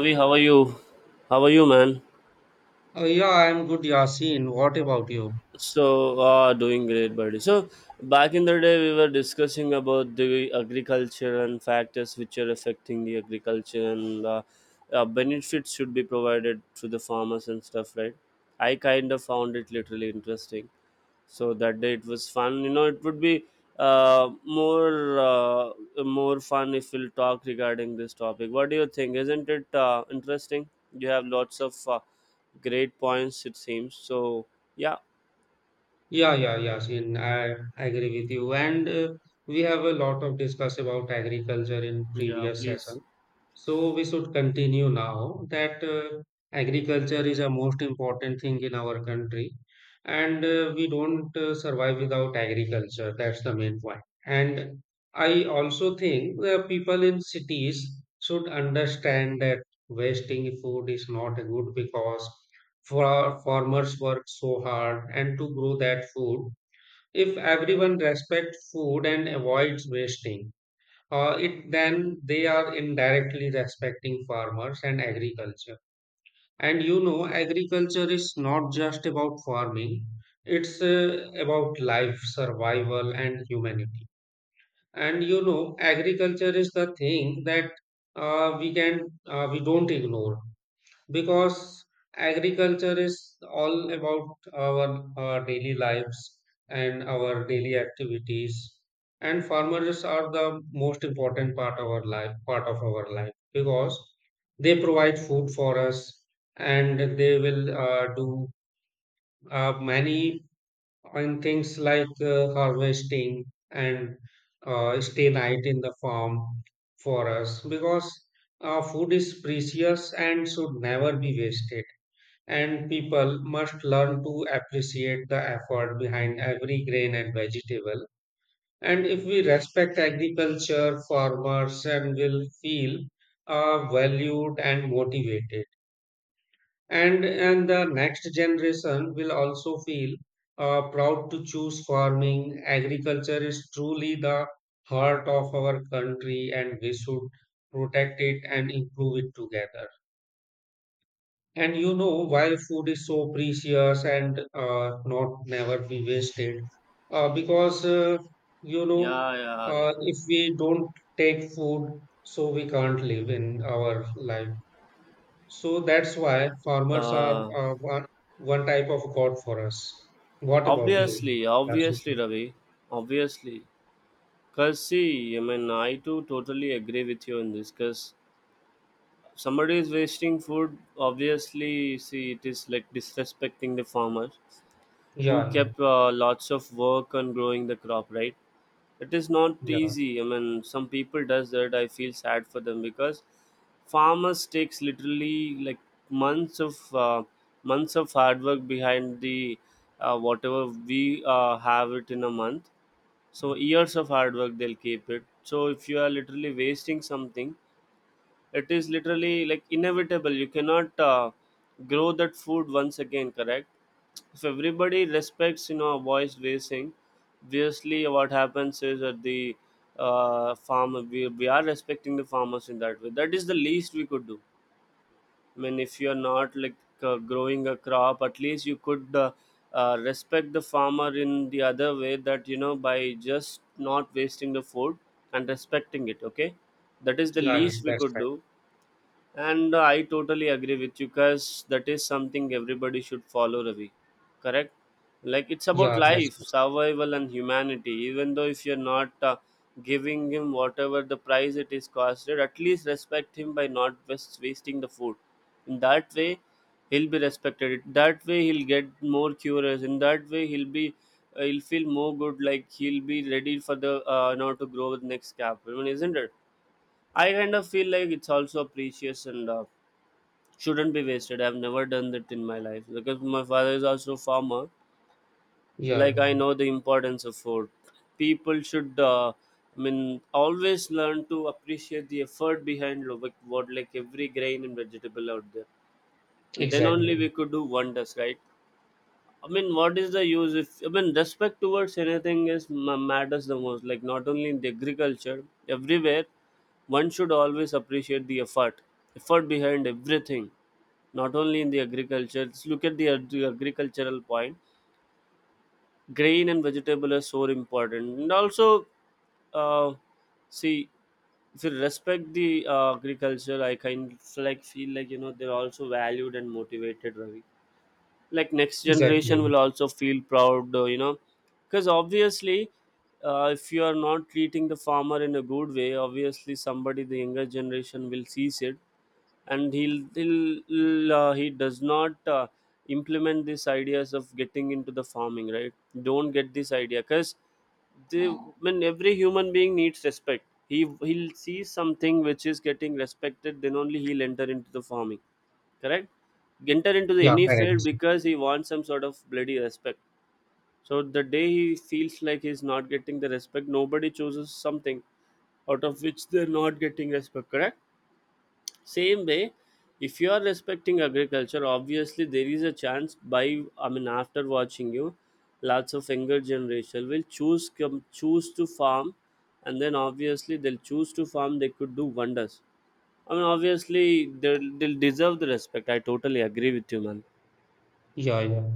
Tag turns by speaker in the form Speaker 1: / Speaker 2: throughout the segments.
Speaker 1: Ravi, how are you? How are you, man?
Speaker 2: Oh, yeah, I'm good, Yasin. What about you?
Speaker 1: Doing great, buddy. So, back in the day, we were discussing about the agriculture and factors which are affecting the agriculture and benefits should be provided to the farmers and stuff, right? I kind of found it literally interesting. So that day it was fun. It would be more more fun if we'll talk regarding this topic. What do you think? Isn't it interesting? You have lots of great points, it seems. So yeah.
Speaker 2: Yeah, yeah, Yasin. I agree with you. And We have a lot of discuss about agriculture in
Speaker 1: Yeah,
Speaker 2: previous
Speaker 1: please.
Speaker 2: session. So we should continue now that agriculture is a most important thing in our country, and we don't survive without agriculture. That's the main point. And I also think the people in cities should understand that wasting food is not good because for our farmers work so hard and to grow that food. If everyone respects food and avoids wasting, it then they are indirectly respecting farmers and agriculture. And you know, agriculture is not just about farming; it's about life, survival, and humanity. And you know, agriculture is the thing that uh, we can we don't ignore because agriculture is all about our daily lives and our daily activities, and farmers are the most important part of our life because they provide food for us, and they will do many on things like harvesting and stay night in the farm for us because food is precious and should never be wasted, and people must learn to appreciate the effort behind every grain and vegetable. And if we respect agriculture, farmers, and will feel valued and motivated. And the next generation will also feel proud to choose farming. Agriculture is truly the heart of our country, and we should protect it and improve it together. And you know, why food is so precious and not never be wasted, uh, because uh, you know,
Speaker 1: Yeah, yeah, yeah.
Speaker 2: if we don't take food, so we can't live in our life. So that's why farmers are
Speaker 1: uh,
Speaker 2: one type of God for us. What about you?
Speaker 1: obviously
Speaker 2: That's it.
Speaker 1: obviously Ravi. Obviously, because, see, I mean, I too totally agree with you on this. Because somebody is wasting food, obviously, see, it is like disrespecting the farmer who
Speaker 2: Yeah, no.
Speaker 1: kept lots of work on growing the crop, right? It is not
Speaker 2: Yeah,
Speaker 1: easy. I mean, some people does that. I feel sad for them, because farmers takes literally like months of uh, months of hard work behind the whatever we have it in a month. So years of hard work they'll keep it. So if you are literally wasting something, it is literally like inevitable. You cannot grow that food once again, correct? If everybody respects, you know, a voice raising, obviously what happens is that the farmer, we are respecting the farmers in that way. That is the least we could do. I mean, if you're not like growing a crop, at least you could respect the farmer in the other way, that, you know, by just not wasting the food and respecting it, okay? That is the
Speaker 2: yeah, yeah,
Speaker 1: least we
Speaker 2: that's
Speaker 1: could
Speaker 2: right.
Speaker 1: do. And I totally agree with you, because that is something everybody should follow, Ravi. Correct? Like it's about
Speaker 2: Yeah, that's
Speaker 1: life,
Speaker 2: right.
Speaker 1: survival, and humanity. Even though if you're not giving him whatever the price it is costed, at least respect him by not wasting the food. In that way, he'll be respected. That way, he'll get more curious. In that way, he'll be he'll feel more good. Like he'll be ready for the now to grow with next cap. I mean, isn't it? I kind of feel like it's also precious and. Shouldn't be wasted. I've never done that in my life, because my father is also a farmer.
Speaker 2: Yeah,
Speaker 1: Like
Speaker 2: yeah.
Speaker 1: I know the importance of food. People should, I mean, always learn to appreciate the effort behind lo- like what like every grain and vegetable out there, and then only
Speaker 2: Exactly,
Speaker 1: we could do wonders, right? I mean, what is the use if, I mean, respect towards anything is matters the most. Like not only in the agriculture, everywhere, one should always appreciate the effort behind everything. Not only in the agriculture, just look at the agricultural point. Grain and vegetable are so important, and also uh, see, if you respect the agriculture, I kind of like feel like, you know, they're also valued and motivated, Ravi. Like next
Speaker 2: exactly.
Speaker 1: generation will also feel proud, you know. Because obviously, if you are not treating the farmer in a good way, obviously somebody, the younger generation, will seize it, and he'll he does not implement these ideas of getting into the farming, right? Don't get this idea, because the when every human being needs respect, he'll see something which is getting respected, then only he'll enter into the farming, correct? Enter into the
Speaker 2: Yeah,
Speaker 1: any field,
Speaker 2: correct.
Speaker 1: because he wants some sort of bloody respect. So the day he feels like he's not getting the respect, nobody chooses something out of which they're not getting respect, correct? Same way, if you are respecting agriculture, obviously there is a chance. By, I mean, after watching you, lots of younger generation will choose to farm, and then obviously they'll choose to farm, they could do wonders. I mean, obviously they'll deserve the respect. I totally agree with you, man.
Speaker 2: Yeah, yeah.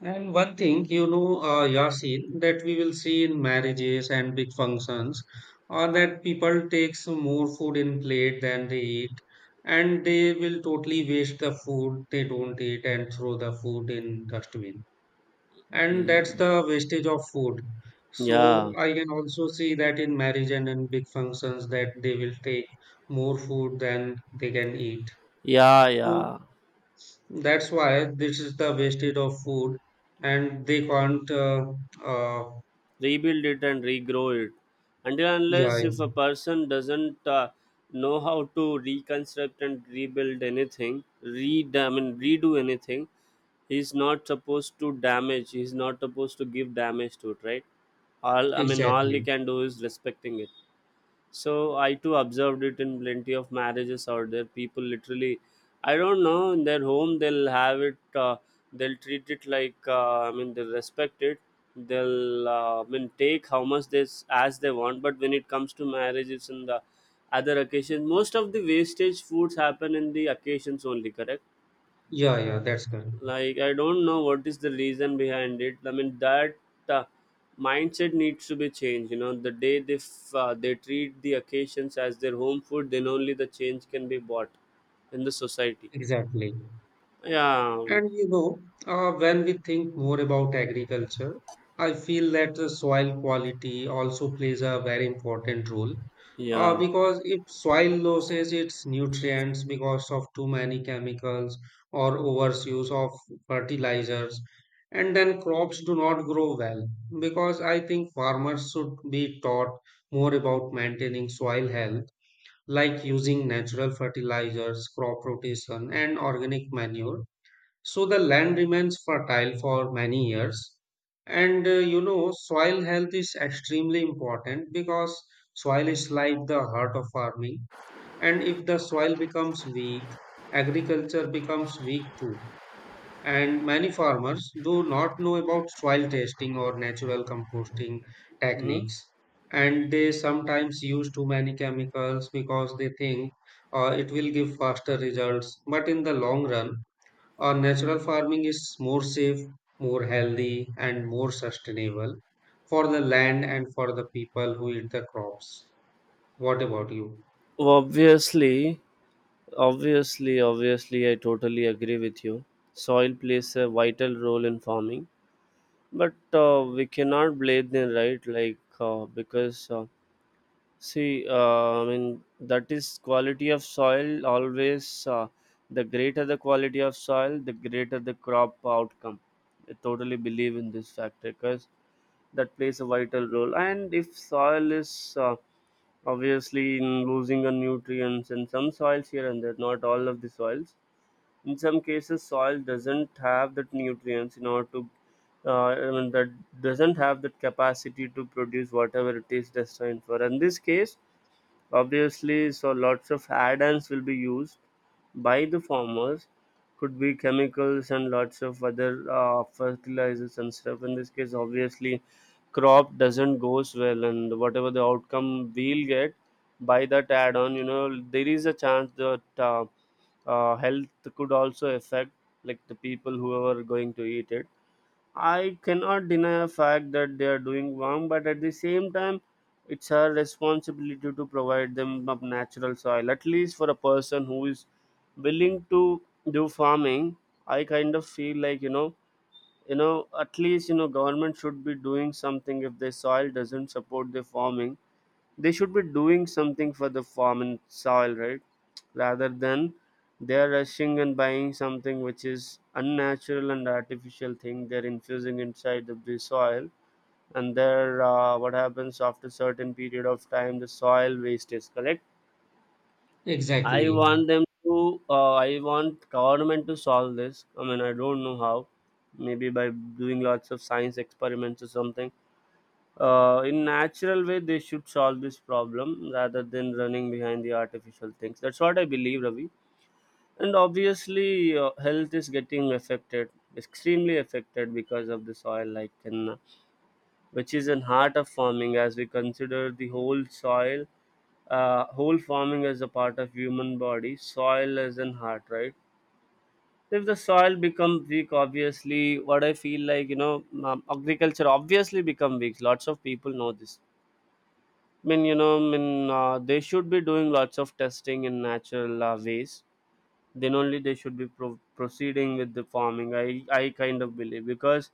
Speaker 2: And one thing, you know, Yasin, that we will see in marriages and big functions, are that people takes more food in plate than they eat, and they will totally waste the food they don't eat and throw the food in dustbin. And that's
Speaker 1: Mm.
Speaker 2: the wastage of food. So
Speaker 1: Yeah,
Speaker 2: I can also see that in marriage and in big functions that they will take more food than they can eat.
Speaker 1: yeah,
Speaker 2: So
Speaker 1: yeah.
Speaker 2: that's why this is the wastage of food, and they can't. Uh,
Speaker 1: Rebuild it and regrow it. Until
Speaker 2: yeah,
Speaker 1: unless
Speaker 2: yeah,
Speaker 1: if a person doesn't know how to reconstruct and rebuild anything, I mean, redo anything, he's not supposed to damage. He's not supposed to give damage to it, right? All, I mean, all he
Speaker 2: exactly.
Speaker 1: can do is respecting it. So I too observed it in plenty of marriages out there. People literally, I don't know, in their home they'll have it, they'll treat it like, I mean, they'll respect it, they'll I mean take how much they as they want. But when it comes to marriages and the other occasions, most of the wastage foods happen in the occasions only, correct?
Speaker 2: Yeah, yeah, that's correct.
Speaker 1: Like I don't know what is the reason behind it. I mean that uh, mindset needs to be changed, you know. The day they they treat the occasions as their home food, then only the change can be bought in the society.
Speaker 2: Exactly.
Speaker 1: Yeah,
Speaker 2: And you know, when we think more about agriculture, I feel that the soil quality also plays a very important role.
Speaker 1: yeah.
Speaker 2: Because if soil loses its nutrients because of too many chemicals or overuse of fertilizers, and then crops do not grow well. Because I think farmers should be taught more about maintaining soil health, like using natural fertilizers, crop rotation, and organic manure so the land remains fertile for many years. And you know, soil health is extremely important because soil is like the heart of farming. And if the soil becomes weak, agriculture becomes weak too. And many farmers do not know about soil testing or natural composting
Speaker 1: Mhm.
Speaker 2: techniques. And they sometimes use too many chemicals because they think it will give faster results. But in the long run, natural farming is more safe, more healthy, and more sustainable for the land and for the people who eat the crops. What about you?
Speaker 1: Obviously, I totally agree with you. Soil plays a vital role in farming, but we cannot blame them, right? like because see, I mean, that is quality of soil always. The greater the quality of soil, the greater the crop outcome. I totally believe in this factor, because that plays a vital role. And if soil is obviously in losing on nutrients in some soils here and there, not all of the soils. In some cases, soil doesn't have that nutrients in order to, I mean, that doesn't have that capacity to produce whatever it is destined for. In this case, obviously so lots of add-ons will be used by the farmers. Could be chemicals and lots of other fertilizers and stuff. In this case, obviously, crop doesn't goes well, and whatever the outcome we'll get by that add-on, you know, there is a chance that health could also affect, like the people who are going to eat it. I cannot deny a fact that they are doing wrong, but at the same time, it's our responsibility to provide them of natural soil. At least for a person who is willing to do farming, I kind of feel like, you know, at least, you know, government should be doing something. If the soil doesn't support the farming, they should be doing something for the farming soil, right? Rather than they're rushing and buying something which is unnatural and artificial thing, they're infusing inside of the soil. And there, what happens after certain period of time, the soil waste is, correct? I
Speaker 2: Exactly.
Speaker 1: want them to, I want government to solve this. I mean, I don't know how, maybe by doing lots of science experiments or something, in natural way they should solve this problem, rather than running behind the artificial things. That's what I believe, Ravi. And obviously health is getting affected, extremely affected because of the soil. Like in which is in heart of farming, as we consider the whole soil, whole farming as a part of human body, soil is in heart, right? If the soil become weak, obviously, what I feel like, you know, agriculture obviously become weak. Lots of people know this. I mean, you know, I mean, they should be doing lots of testing in natural ways, then only they should be proceeding with the farming. I kind of believe, because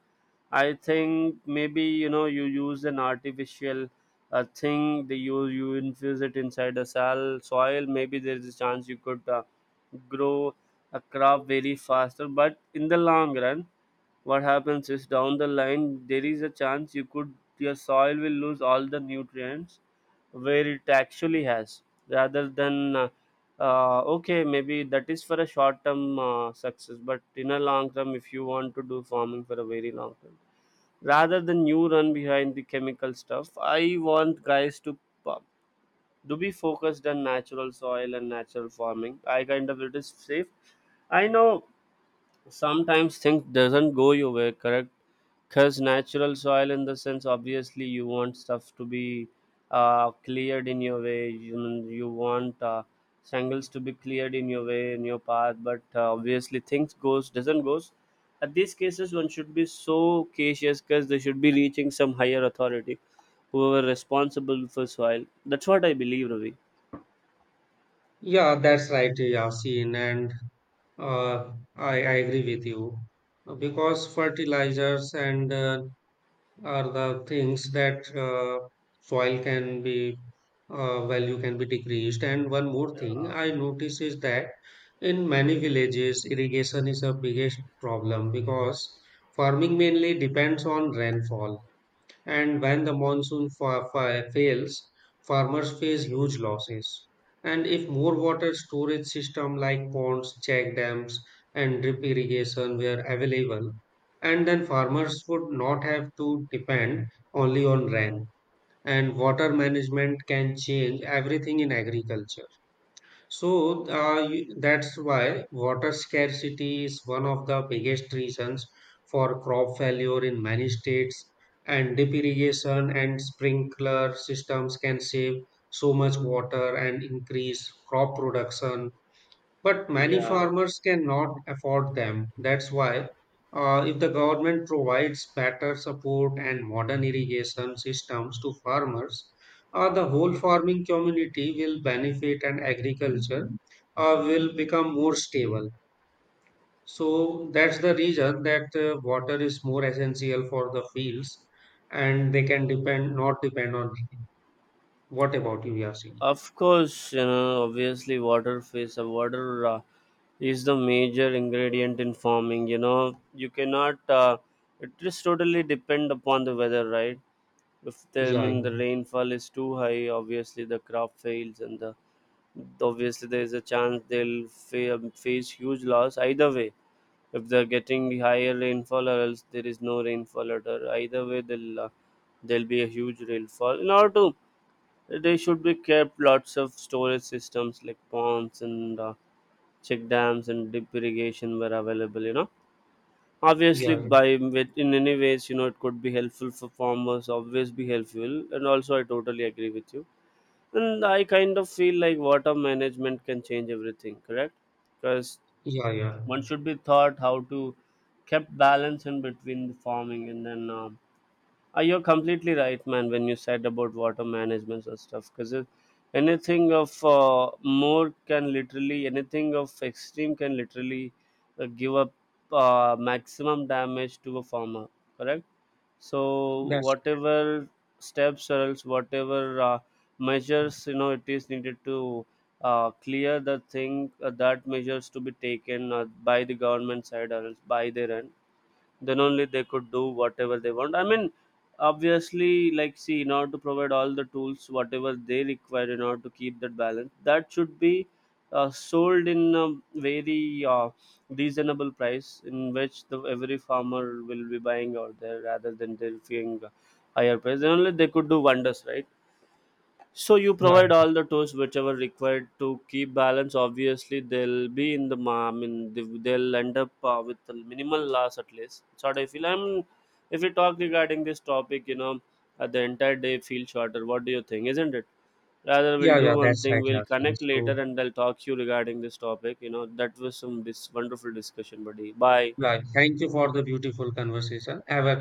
Speaker 1: I think, maybe, you know, you use an artificial thing, they, you infuse it inside a sal soil, maybe there is a chance you could grow a crop very faster. But in the long run, what happens is down the line, there is a chance you could, your soil will lose all the nutrients where it actually has, rather than okay, maybe that is for a short term success. But in a long term, if you want to do farming for a very long term, rather than you run behind the chemical stuff, I want guys uh, to be focused on natural soil and natural farming. I kind of it is safe. I know sometimes things doesn't go your way, correct? Because natural soil, in the sense, obviously, you want stuff to be cleared in your way. You want jungles to be cleared in your way, in your path. But obviously, things goes doesn't goes. At these cases, one should be so cautious, because they should be reaching some higher authority, whoever responsible for soil. That's what I believe, Ravi.
Speaker 2: Yeah, that's right, Yasin, and I agree with you because fertilizers and are the things that soil can be value can be decreased. And one more thing I notice is that in many villages, irrigation is a biggest problem because farming mainly depends on rainfall. And when the monsoon fails, farmers face huge losses. And if more water storage system like ponds, check dams, and drip irrigation were available, and then farmers would not have to depend only on rain. And water management can change everything in agriculture. So that's why water scarcity is one of the biggest reasons for crop failure in many states, and deep irrigation and sprinkler systems can save so much water and increase crop production, but many
Speaker 1: Yeah.
Speaker 2: farmers cannot afford them. That's why, if the government provides better support and modern irrigation systems to farmers, the whole farming community will benefit and agriculture will become more stable. So that's the reason that water is more essential for the fields, and they can depend not depend on. What about you, Yasin?
Speaker 1: Of course, you know, obviously, water is the major ingredient in farming. You know, you cannot. It just totally depend upon the weather, right? If the, I
Speaker 2: Yeah,
Speaker 1: mean the rainfall is too high, obviously the crop fails, and the obviously there is a chance they'll face huge loss. Either way, if they're getting higher rainfall, or else there is no rainfall at all. Either way, they'll there'll be a huge rainfall. In order to, they should be kept lots of storage systems like ponds and check dams, and deep irrigation were available. You know, obviously
Speaker 2: yeah,
Speaker 1: by with in any ways, you know, it could be helpful for farmers. Always be helpful, and also I totally agree with you. And I kind of feel like water management can change everything. Correct, because
Speaker 2: yeah, yeah.
Speaker 1: one should be taught how to kept balance in between the farming. And then you're completely right, man, when you said about water management and stuff. Because anything of more can literally, anything of extreme can literally give up maximum damage to a farmer, correct? So,
Speaker 2: That's
Speaker 1: whatever steps or else whatever measures, you know, it is needed to clear the thing, that measures to be taken by the government side or else by their end, then only they could do whatever they want. I mean, obviously, like, see, in order to provide all the tools whatever they require in order to keep that balance, that should be sold in a very reasonable price in which the every farmer will be buying out there, rather than they paying a higher price, then only they could do wonders, right? So you
Speaker 2: yeah.
Speaker 1: provide all the tools whichever required to keep balance. Obviously, they'll be in the I mean they'll end up with a minimal loss at least. That's what I feel. I mean, if we talk regarding this topic, you know, the entire day feels shorter. What do you think? Isn't it? Rather,
Speaker 2: Yeah,
Speaker 1: we'll
Speaker 2: yeah,
Speaker 1: do one
Speaker 2: that's
Speaker 1: thing.
Speaker 2: right,
Speaker 1: We'll
Speaker 2: Yasin.
Speaker 1: connect later,
Speaker 2: So,
Speaker 1: and I'll talk to you regarding this topic. You know, that was some dis wonderful discussion, buddy. Bye.
Speaker 2: yeah, thank you for the beautiful conversation. Have a